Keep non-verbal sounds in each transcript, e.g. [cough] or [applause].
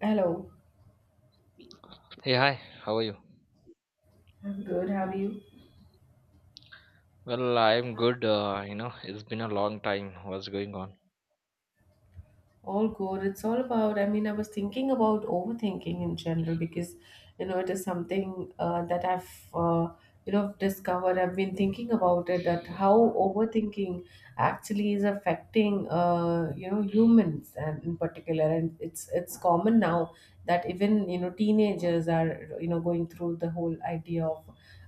Hello, Hey, hi, how are you? I'm good. How are you? Well, I'm good. You know, it's been a long time. What's going on? All good. It's all about, I was thinking about overthinking in general because, it is something that I've, discovered. I've been thinking about it that how overthinking actually is affecting, humans and in particular. And it's common now that even, teenagers are, going through the whole idea of,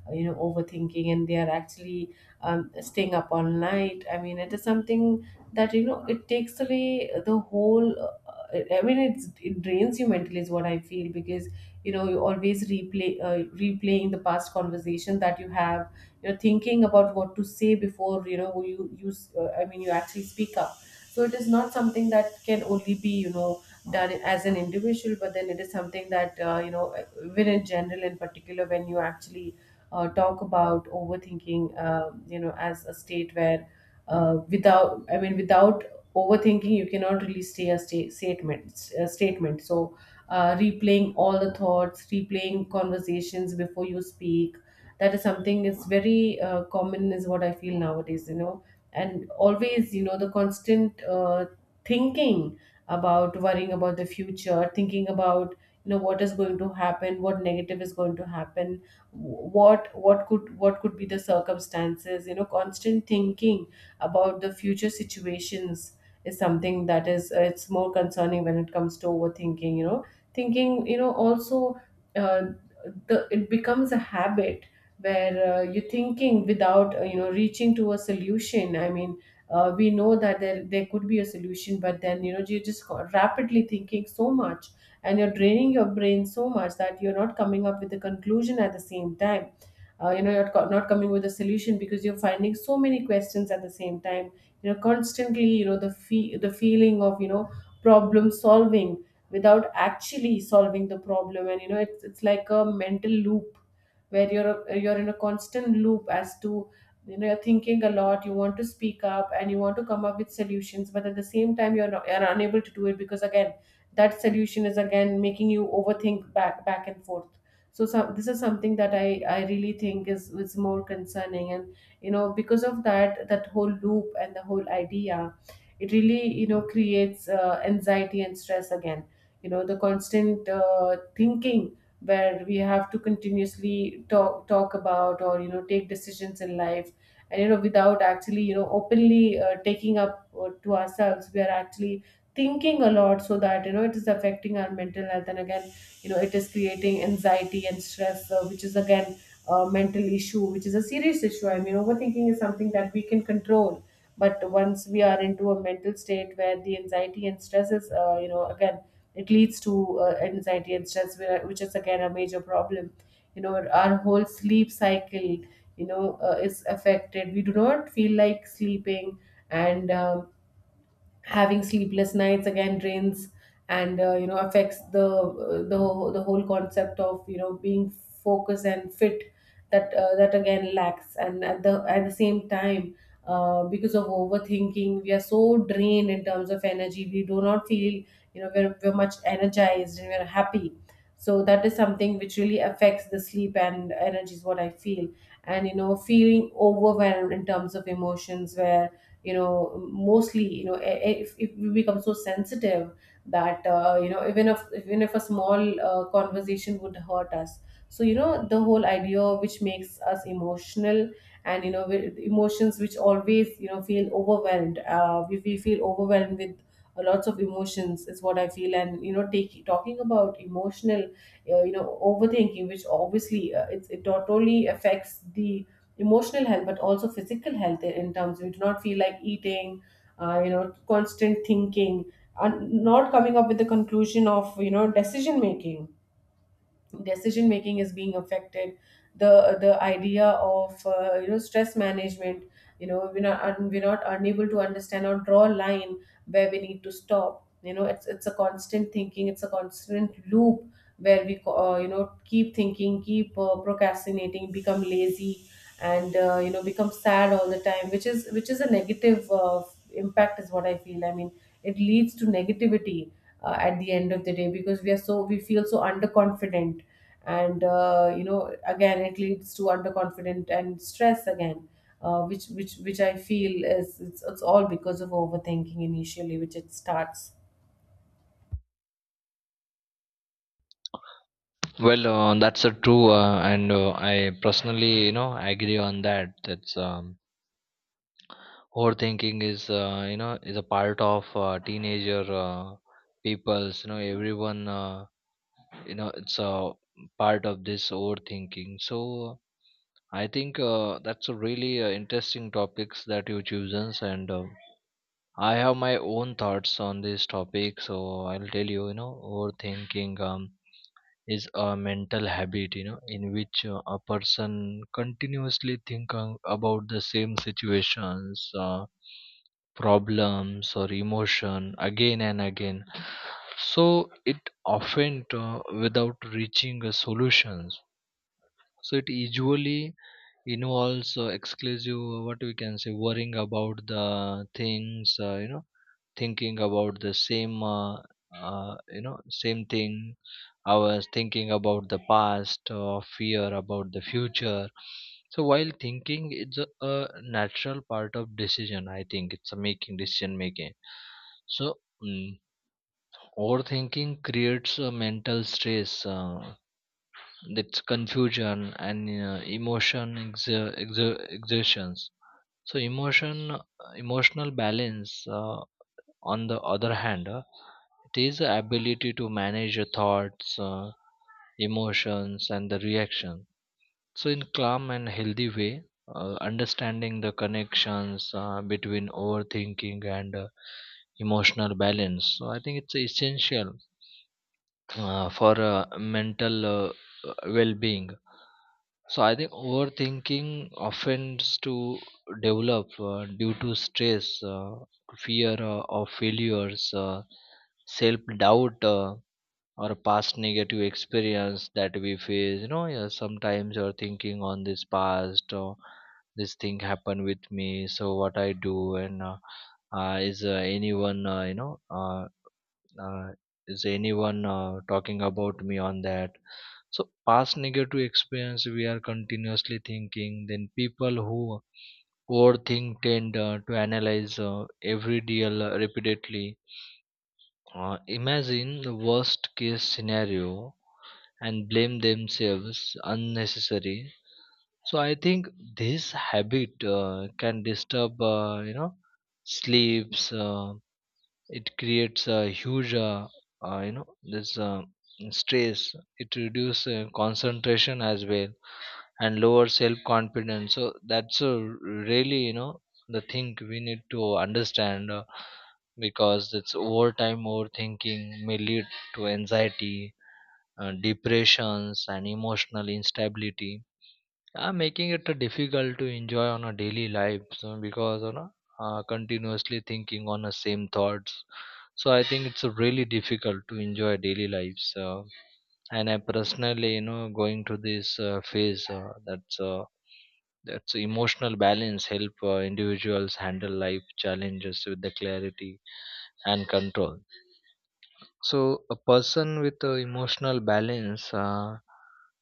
overthinking, and they are actually staying up all night. I mean, it is something that it takes away the whole, it's, it drains you mentally is what I feel, because you always replaying the past conversation that you have. You're thinking about what to say before you know you you s- I mean you actually speak up. So it is not something that can only be done as an individual, but then it is something that when in general, in particular, when you actually talk about overthinking as a state where without I mean without overthinking you cannot really stay a statement, a statement. So replaying all the thoughts, replaying conversations before you speak, that is something is very common is what I feel nowadays, and always the constant thinking about, worrying about the future, thinking about what is going to happen, what negative is going to happen, what could, what could be the circumstances. Constant thinking about the future situations is something that is it's more concerning when it comes to overthinking. You know thinking you know also, uh, the it becomes a habit where you're thinking without reaching to a solution. We know that there could be a solution, but then you're just rapidly thinking so much, and you're draining your brain so much that you're not coming up with a conclusion. At the same time, you're not coming with a solution because you're finding so many questions at the same time. You know constantly you know the the feeling of problem solving without actually solving the problem. And it's like a mental loop where you're in a constant loop, as to you're thinking a lot, you want to speak up and you want to come up with solutions, but at the same time you're, not, you're unable to do it because again that solution is again making you overthink back and forth. So this is something that I really think is more concerning. And because of that whole loop and the whole idea, it really creates anxiety and stress again. The constant thinking where we have to continuously talk about, or take decisions in life, and without actually openly taking up to ourselves, we are actually thinking a lot, so that it is affecting our mental health. And again, it is creating anxiety and stress, which is again a mental issue, which is a serious issue. I mean, overthinking is something that we can control, but once we are into a mental state where the anxiety and stress is again, it leads to anxiety and stress, which is again a major problem. You know, our whole sleep cycle, is affected. We do not feel like sleeping, and having sleepless nights again drains, and affects the the whole concept of being focused and fit. That that again lacks. And at the, at the same time, because of overthinking, we are so drained in terms of energy, we do not feel we're much energized and we're happy. So that is something which really affects the sleep and energy, is what I feel. And feeling overwhelmed in terms of emotions, where you know mostly you know e- e- if we become so sensitive that even if a small conversation would hurt us. So the whole idea which makes us emotional, and with emotions, which always feel overwhelmed, we feel overwhelmed with lots of emotions, is what I feel. And talking about emotional overthinking, which obviously it not only affects the emotional health but also physical health, in terms we do not feel like eating. Constant thinking and not coming up with the conclusion of, decision making, decision making is being affected. The idea of stress management, we're not unable to understand or draw a line where we need to stop. It's a constant thinking, it's a constant loop where we keep thinking, keep procrastinating, become lazy, and become sad all the time, which is, which is a negative impact, is what I feel. I mean, it leads to negativity at the end of the day, because we are so, we feel so underconfident. And again, it leads to underconfident and stress again, which which I feel is, it's all because of overthinking initially which it starts. Well, that's a true, and I personally, you know, agree on that. That's Overthinking is, you know, is a part of teenager people's. You know, everyone, you know, it's a part of this overthinking. So I think that's a really interesting topics that you chosen, and I have my own thoughts on this topic, so I'll tell you. You know, overthinking is a mental habit. You know, in which a person continuously think about the same situations, problems, or emotion again and again. So it often without reaching a solutions. So it usually involves exclusive what we can say worrying about the things. You know, thinking about the same you know, same thing. I was thinking about the past or fear about the future. So while thinking, it's a natural part of decision, I think it's a making decision making. So mm, overthinking creates a mental stress, that's confusion and exertions. So emotional balance, uh, on the other hand, it is the ability to manage your thoughts, emotions and the reaction, so in calm and healthy way. Understanding the connections between overthinking and emotional balance, so I think it's essential for mental well-being. So I think overthinking offends to develop due to stress, fear of failures, self-doubt, or past negative experience that we face. You know, yeah, sometimes you're thinking on this past, or this thing happened with me, so what I do, and is anyone you know, uh, is anyone talking about me on that? So past negative experience we are continuously thinking, then people who overthink tend to analyze every deal repeatedly, imagine the worst case scenario and blame themselves unnecessary. So I think this habit can disturb, you know, sleeps. It creates a huge, you know, this stress. It reduces concentration as well, and lower self confidence. So that's a really, you know, the thing we need to understand, because it's overtime overthinking may lead to anxiety, depressions and emotional instability, making it difficult to enjoy on a daily life. So because, you know, continuously thinking on the same thoughts, so I think it's really difficult to enjoy daily lives, and I personally, you know, going through this phase. That's, that's emotional balance help individuals handle life challenges with the clarity and control. So a person with emotional balance,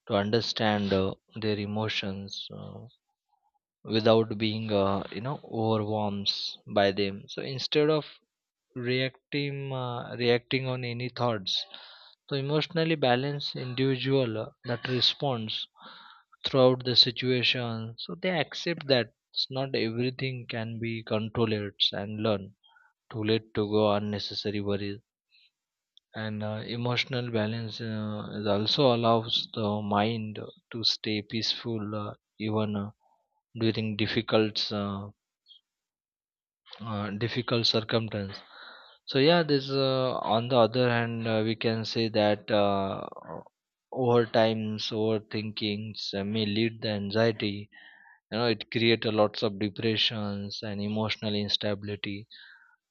to understand their emotions without being you know, overwhelmed by them. So instead of reacting reacting on any thoughts. So emotionally balanced individual that responds throughout the situation, so they accept that it's not everything can be controlled and learn. Too late to go unnecessary worries. And emotional balance is also allows the mind to stay peaceful, even during difficult, difficult circumstances. So yeah, this, on the other hand, we can say that, over times, overthinkings may lead the anxiety. You know, it create a lots of depressions and emotional instability,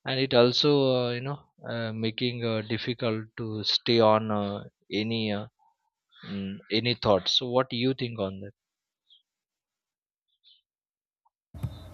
and it also you know, making difficult to stay on any uh, any thoughts. So what do you think on this?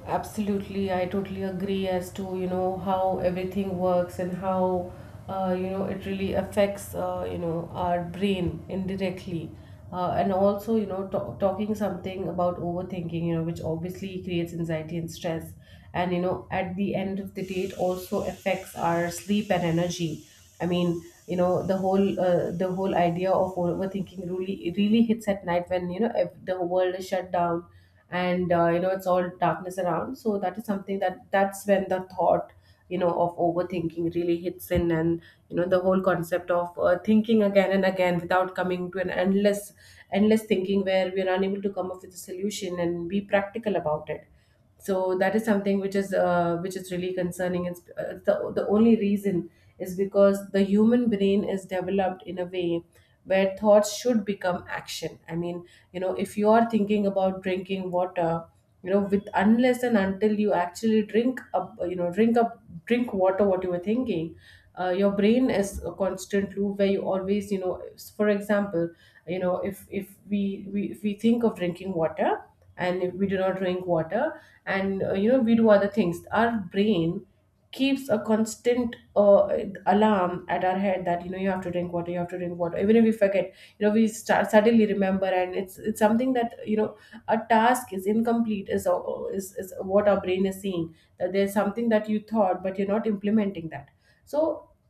Absolutely, I totally agree as to how everything works and how it really affects, our brain indirectly, and also talking something about overthinking, you know, which obviously creates anxiety and stress, and at the end of the day it also affects our sleep and energy. I mean, you know, the whole idea of overthinking really really hits at night, when the world is shut down, and it's all darkness around. So that is something that, that's when the thought of overthinking really hits in. And the whole concept of thinking again and again without coming to an endless, endless thinking, where we are unable to come up with a solution and be practical about it. So that is something which is really concerning. It's the only reason is because the human brain is developed in a way where thoughts should become action. I mean, if you are thinking about drinking water, with unless and until you actually drink up you know drink up drink water what you were thinking, your brain is a constant loop where you always for example, if we, we if we think of drinking water, and if we do not drink water, and we do other things, our brain keeps a constant alarm at our head that you have to drink water, even if we forget we start suddenly remember. And it's something that a task is incomplete, is is what our brain is seeing, that there's something that you thought but you're not implementing that. So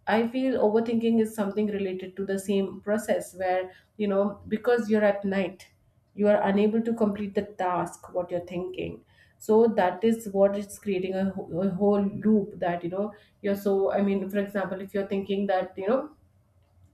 I feel overthinking is something related to the same process, where because you're at night, you are unable to complete the task what you're thinking. So that is what it's creating a whole loop, that you know you're so I mean, for example, if you're thinking that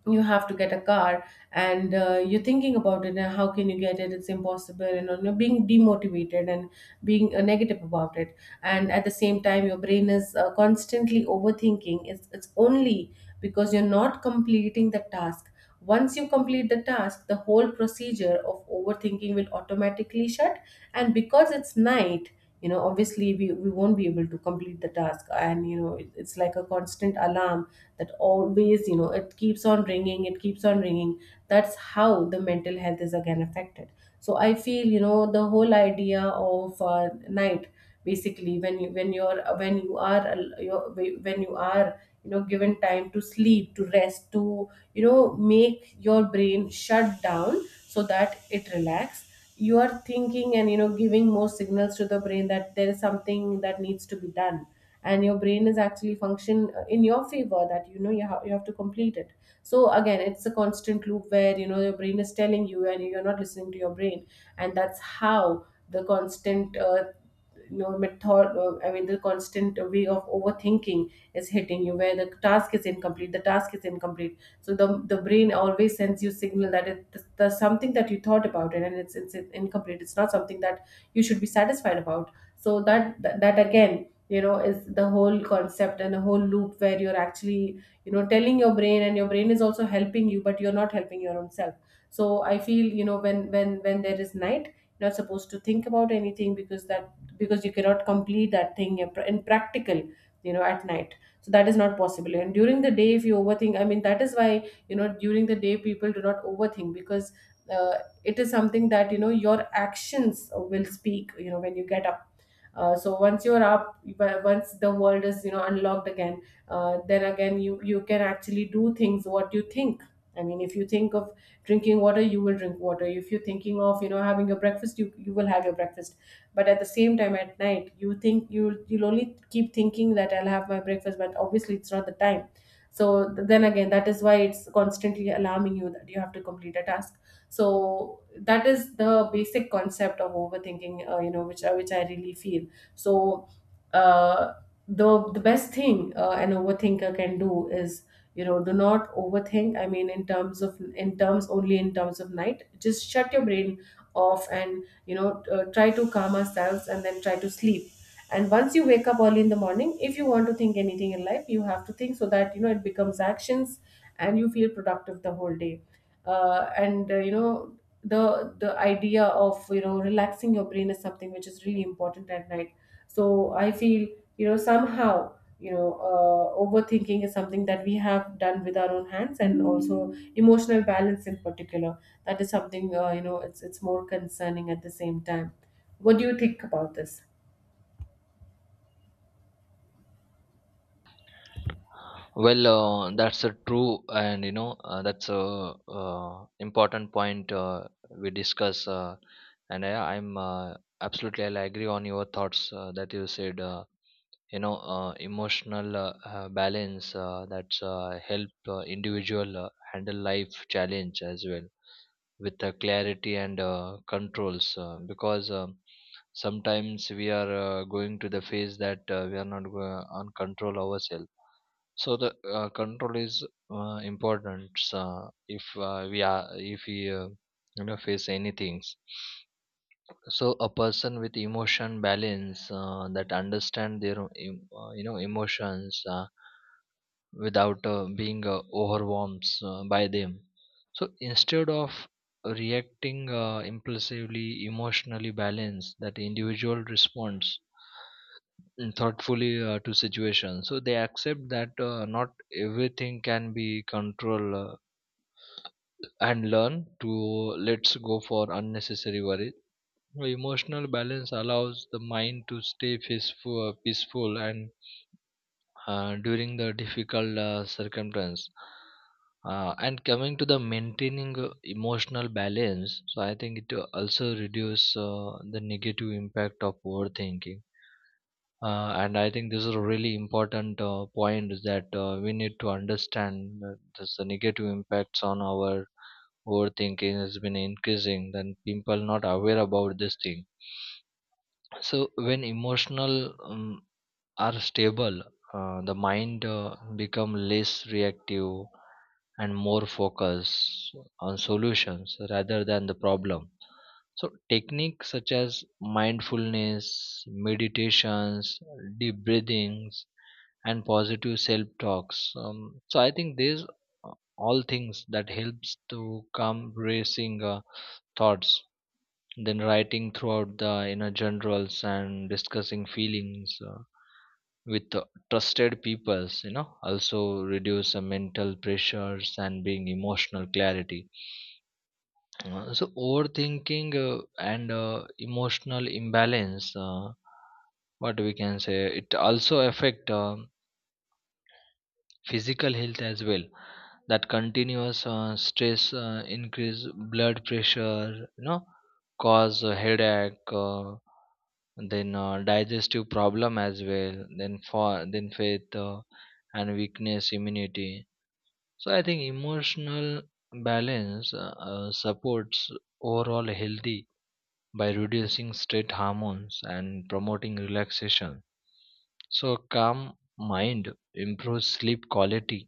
you have to get a car, and you're thinking about it, and how can you get it, it's impossible, and you know, being demotivated and being negative about it. And at the same time, your brain is constantly overthinking. It's only because you're not completing the task. Once you complete the task, the whole procedure of overthinking will automatically shut. And because it's night, you know, obviously we won't be able to complete the task. And, you know, it's like a constant alarm that always, you know, it keeps on ringing, it keeps on ringing. That's how the mental health is again affected. So I feel, you know, the whole idea of night, basically when you when you're when you are al- you're- when you are given time to sleep, to rest, to make your brain shut down so that it relax. You are thinking and giving more signals to the brain that there is something that needs to be done, and your brain is actually function in your favor, that you have to complete it. So again it's a constant loop where your brain is telling you and you're not listening to your brain. And that's how the constant method, I mean, the constant way of overthinking is hitting you, where the task is incomplete, the task is incomplete. So the brain always sends you signal that there's something that you thought about it, and it's incomplete, it's not something that you should be satisfied about. So that again, is the whole concept and the whole loop where you're actually, telling your brain and your brain is also helping you, but you're not helping your own self. So I feel, when there is night, you're not supposed to think about anything, because you cannot complete that thing in practical, you know, at night. So that is not possible. And during the day, if you overthink, I mean, that is why, during the day people do not overthink, because uh, it is something that, your actions will speak. You know, when you get up. So once you're up, once the world is, unlocked again, then again you can actually do things what you think. I mean, if you think of drinking water, you will drink water. If you're thinking of, having your breakfast, you will have your breakfast. But at the same time, at night, you think you'll only keep thinking that I'll have my breakfast, but obviously it's not the time. So then again, that is why it's constantly alarming you that you have to complete a task. So that is the basic concept of overthinking, which I really feel. So, uh, the best thing, an overthinker can do is, do not overthink. I mean, in terms of in terms only in terms of night, just shut your brain off and, try to calm ourselves and then try to sleep. And once you wake up early in the morning, if you want to think anything in life, you have to think, so that it becomes actions and you feel productive the whole day. And the idea of, relaxing your brain is something which is really important at night. So I feel, somehow, overthinking is something that we have done with our own hands, and also emotional balance in particular, that is something, it's more concerning at the same time. What do you think about this? Well, that's a true, and you know, that's a important point we discuss, and I'm absolutely I'll agree on your thoughts that you said. You know, emotional, balance, that's help individual handle life challenge as well with clarity and controls, because sometimes we are going to the phase that we are not on control ourselves. So the control is important, if we are, if we you know, face anything. So a person with emotion balance, that understand their you know, emotions, without being overwhelmed by them. So instead of reacting impulsively, emotionally balanced that individual responds thoughtfully to situations. So they accept that, not everything can be controlled, and learn to let's go for unnecessary worry. Emotional balance allows the mind to stay peaceful, peaceful and during the difficult circumstance. And coming to the maintaining emotional balance, so I think it also reduce the negative impact of overthinking. And I think this is a really important point, is that we need to understand that this, the negative impacts on our overthinking has been increasing. Then people not aware about this thing. So when emotional are stable, the mind become less reactive and more focused on solutions rather than the problem. So techniques such as mindfulness, meditations, deep breathings, and positive self-talks. So I think these uh, all things that helps to calm racing thoughts. Then writing throughout the inner generals and discussing feelings, with trusted peoples, you know, also reduce mental pressures and being emotional clarity. So overthinking, and emotional imbalance, what we can say, it also affect physical health as well. That continuous stress increase blood pressure, you know, cause a headache, then digestive problem as well, then for, then faith, and weakness immunity. So I think emotional balance, supports overall healthy by reducing stress hormones and promoting relaxation. So a calm mind improves sleep quality,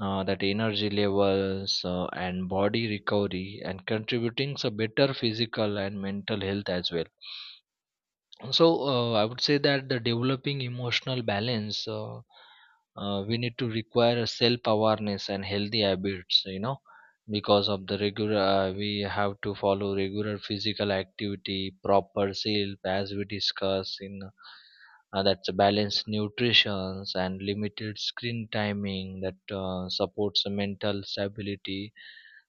that energy levels and body recovery, and contributing to better physical and mental health as well. So I would say that the developing emotional balance, we need to require a self awareness and healthy habits, you know, because of the regular, we have to follow regular physical activity, proper sleep as we discuss in, that's a balanced nutrition and limited screen timing that supports the mental stability.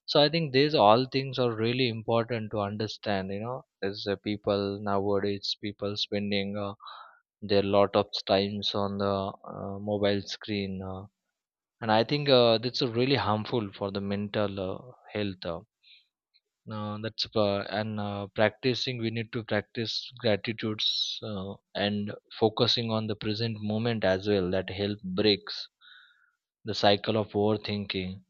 So I think these all things are really important to understand, you know, as people nowadays, people spending their lot of times on the mobile screen, and I think that's really harmful for the mental health, that's and practicing, we need to practice gratitudes and focusing on the present moment as well, that help breaks the cycle of overthinking.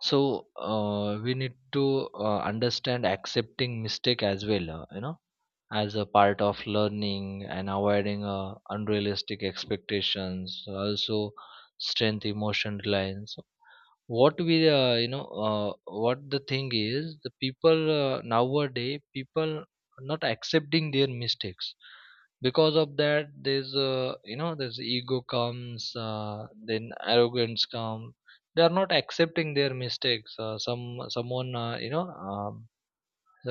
So we need to understand accepting mistake as well, you know, as a part of learning and avoiding unrealistic expectations, also strength emotion reliance. What we, you know, what the thing is, the people nowadays, people not accepting their mistakes, because of that there's, you know, there's ego comes, then arrogance come, they are not accepting their mistakes. Some someone, you know, um,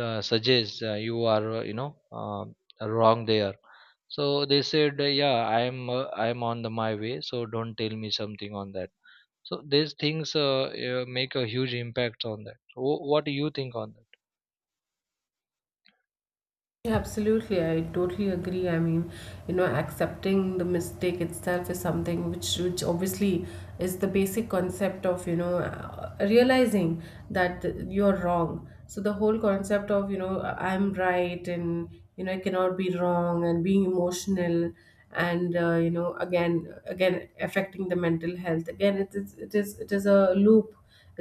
uh, suggest, you are, you know, wrong there. So they said, yeah, I am, I am on the my way, so don't tell me something on that. So these things, make a huge impact on that. So, what do you think on that? Absolutely, I totally agree. I mean, accepting the mistake itself is something which obviously is the basic concept of, realizing that you're wrong. So the whole concept of, I'm right and, I cannot be wrong, and being emotional and, affecting the mental health. Again, it is a loop,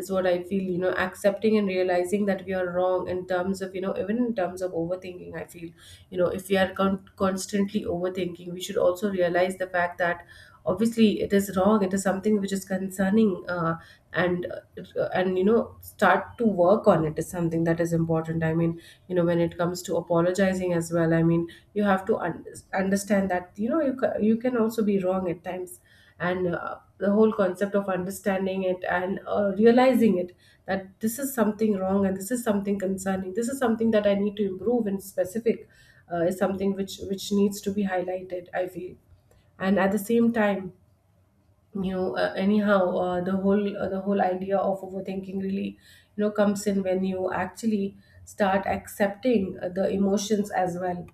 is what I feel, accepting and realizing that we are wrong, in terms of, even in terms of overthinking, I feel, if we are constantly overthinking, we should also realize the fact that, obviously it is wrong, it is something which is concerning, and start to work on it is something that is important. I mean, when it comes to apologizing as well, I mean, you have to understand that, you can also be wrong at times. And, the whole concept of understanding it and, realizing it, that this is something wrong, and this is something concerning, this is something that I need to improve in specific, is something which needs to be highlighted, I feel. And at the same time, anyhow, the whole idea of overthinking really, comes in when you actually start accepting, the emotions as well,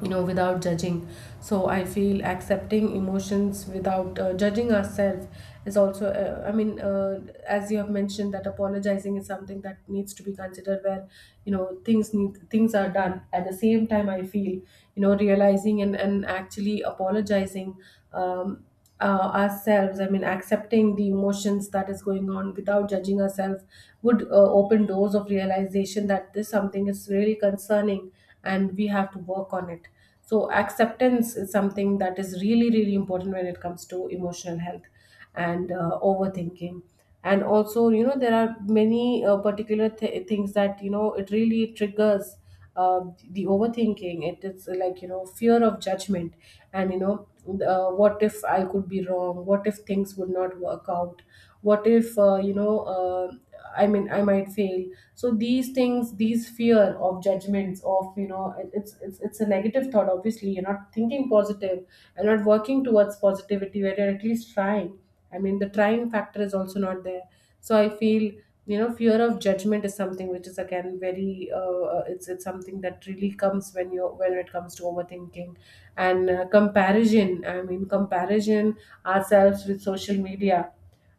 without judging. So I feel, accepting emotions without, judging ourselves, is also, I mean, as you have mentioned, that apologizing is something that needs to be considered, where, things are done at the same time. I feel, realizing and actually apologizing, um, ourselves, I mean, accepting the emotions that is going on without judging ourselves, would, open doors of realization that this something is really concerning, and we have to work on it. So acceptance is something that is really really important when it comes to emotional health and, overthinking. And also, there are many, particular things that, it really triggers, uh, the overthinking. It is like, fear of judgment, and, what if I could be wrong, what if things would not work out, what if, I mean, I might fail. So these things, these fear of judgments of, it's a negative thought. Obviously you're not thinking positive, you're not working towards positivity, where you're at least trying. I mean, the trying factor is also not there. So I feel, fear of judgment is something which is again very, it's something that really comes when it comes to overthinking, and, comparison. I mean, comparison ourselves with social media,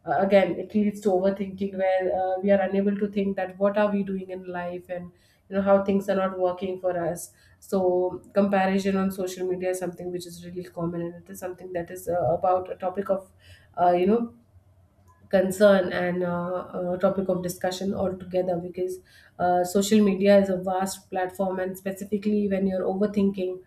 again it leads to overthinking, where, we are unable to think that what are we doing in life, and, how things are not working for us. So comparison on social media is something which is really common, and it is something that is, about a topic of, uh, you know concern, and, topic of discussion altogether, because, social media is a vast platform, and specifically when you're overthinking,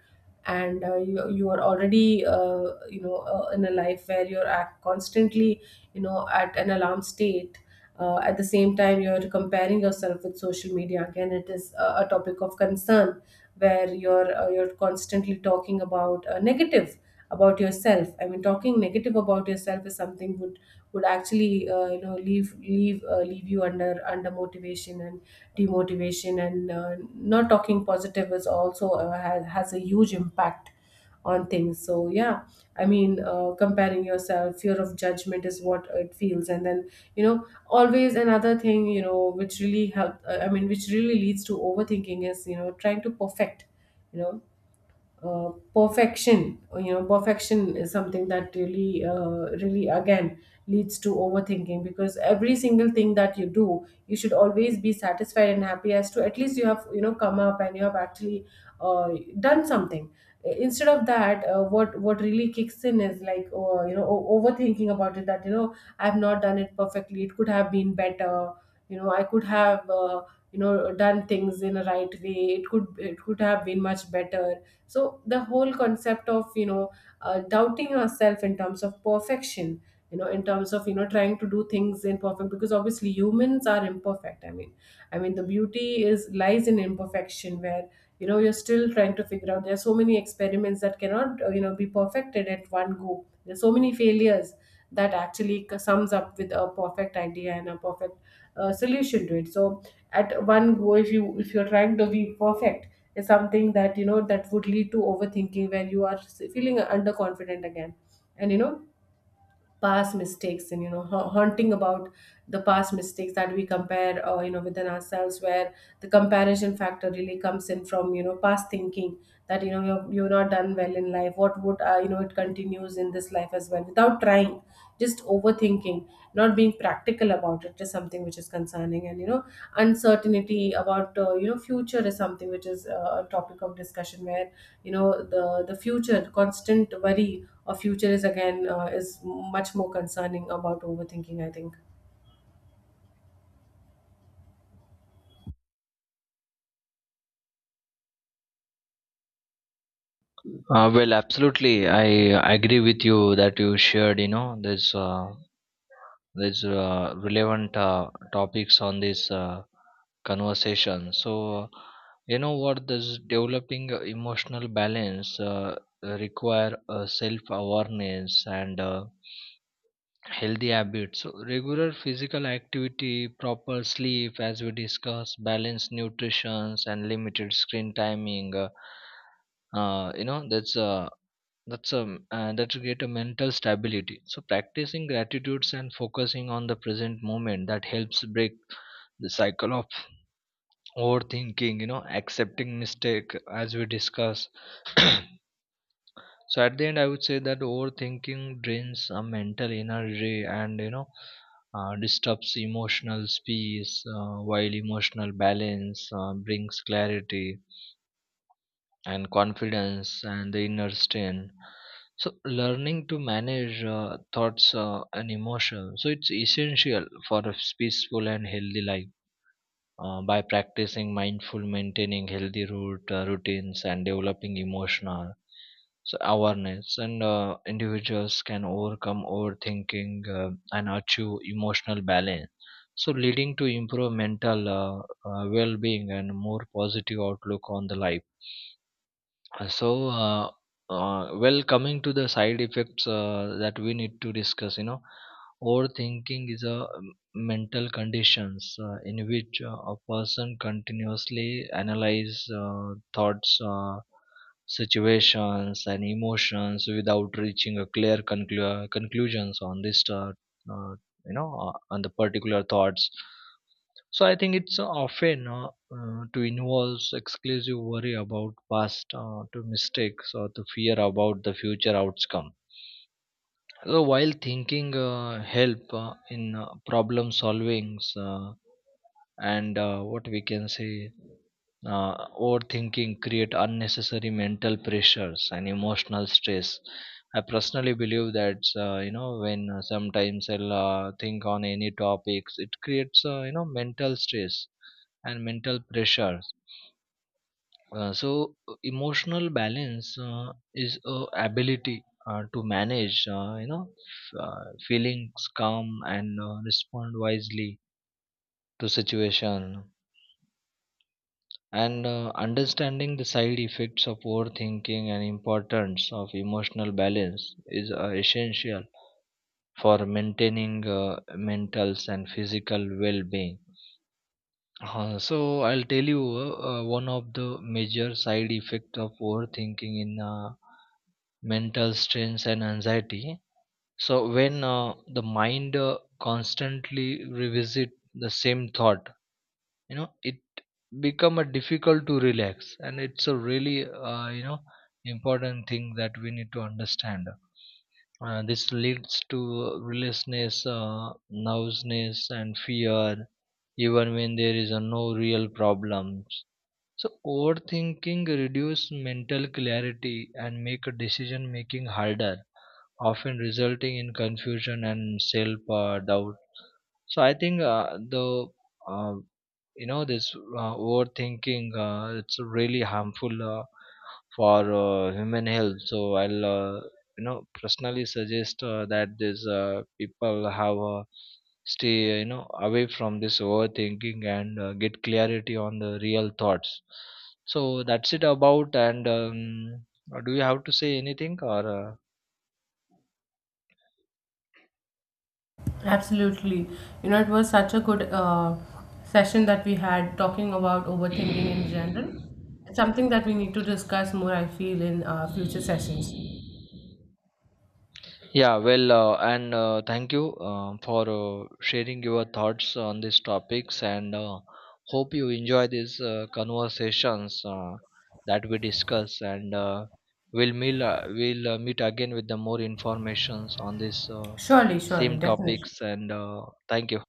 and, you are already, in a life where you're constantly, at an alarm state, at the same time you're comparing yourself with social media. Again it is a topic of concern, where you're constantly talking about, negative about yourself. I mean, talking negative about yourself is something would actually, leave you under, motivation and demotivation, and, not talking positive is also, has a huge impact on things, so yeah. I mean, comparing yourself, fear of judgment is what it feels, and then, always another thing, which really help, I mean, which really leads to overthinking is, trying to perfect, you know uh, perfection. You know, perfection is something that really, really again leads to overthinking, because every single thing that you do, you should always be satisfied and happy, as to at least you have, come up and you have actually, uh, done something. Instead of that, what really kicks in is like, overthinking about it, that, I have not done it perfectly, it could have been better, I could have, done things in a right way, it could have been much better. So the whole concept of, doubting ourselves in terms of perfection, in terms of, trying to do things in perfect, because obviously humans are imperfect, I mean, I mean the beauty is lies in imperfection, where, you're still trying to figure out. There are so many experiments that cannot, be perfected at one go. There's so many failures that actually sums up with a perfect idea and a perfect, solution to it. So at one go, if you're trying to be perfect, is something that, that would lead to overthinking, where you are feeling underconfident again, and, past mistakes and, haunting about the past mistakes that we compare, within ourselves, where the comparison factor really comes in from, past thinking, that, you're not done well in life, what would, it continues in this life as well without trying, just overthinking, not being practical about it is something which is concerning. And, uncertainty about, future is something which is, a topic of discussion, where, the future, the constant worry of future, is again, is much more concerning about overthinking, I think. Well, absolutely I agree with you that you shared, you know, this, there's relevant topics on this conversation. So you know what, this developing emotional balance require self awareness and healthy habits. So regular physical activity, proper sleep as we discussed, balanced nutrition and limited screen timing, you know, that's, that's a, that create a mental stability. So practicing gratitudes and focusing on the present moment, that helps break the cycle of overthinking, you know, accepting mistake as we discuss [coughs] [clears throat] so at the end I would say that overthinking drains a mental energy and, you know, disturbs emotional space, while emotional balance brings clarity and confidence and the inner strength. So learning to manage thoughts and emotions, so it's essential for a peaceful and healthy life, by practicing mindful, maintaining healthy route routines and developing emotional, so awareness, and individuals can overcome overthinking and achieve emotional balance, so leading to improved mental, well-being and more positive outlook on the life. So, well, coming to the side effects that we need to discuss, you know, overthinking is a mental conditions in which a person continuously analyze thoughts, situations, and emotions without reaching a clear conclusions on this, uh, you know, on the particular thoughts. So I think it's often to involves exclusive worry about past to mistakes or the fear about the future outcome. So while thinking help in problem solvings, and what we can say, overthinking create unnecessary mental pressures and emotional stress. I personally believe that, you know, when sometimes I'll think on any topics, it creates, you know, mental stress and mental pressures. So emotional balance is a ability to manage, you know, feelings calm and respond wisely to situation. And understanding the side effects of overthinking and importance of emotional balance is essential for maintaining mental and physical well-being. So I'll tell you, one of the major side effect of overthinking in, mental stress and anxiety. So when the mind constantly revisit the same thought, you know, it become a difficult to relax, and it's a really, you know, important thing that we need to understand. This leads to restlessness, nervousness and fear, even when there is no real problems. So overthinking reduce mental clarity and make decision making harder, often resulting in confusion and self doubt. So I think the, uh, you know, this overthinking, it's really harmful for human health. So I'll, you know, personally suggest that these people have stay, you know, away from this overthinking and get clarity on the real thoughts. So that's it about. And do you have to say anything or Absolutely. It was such a good, session that we had talking about overthinking in general. It's something that we need to discuss more, I feel, in, future sessions. Yeah, well, and thank you for sharing your thoughts on these topics, and hope you enjoy these conversations that we discuss. And we'll meet, we'll meet again with the more informations on this Surely, surely, same definitely. topics. And thank you.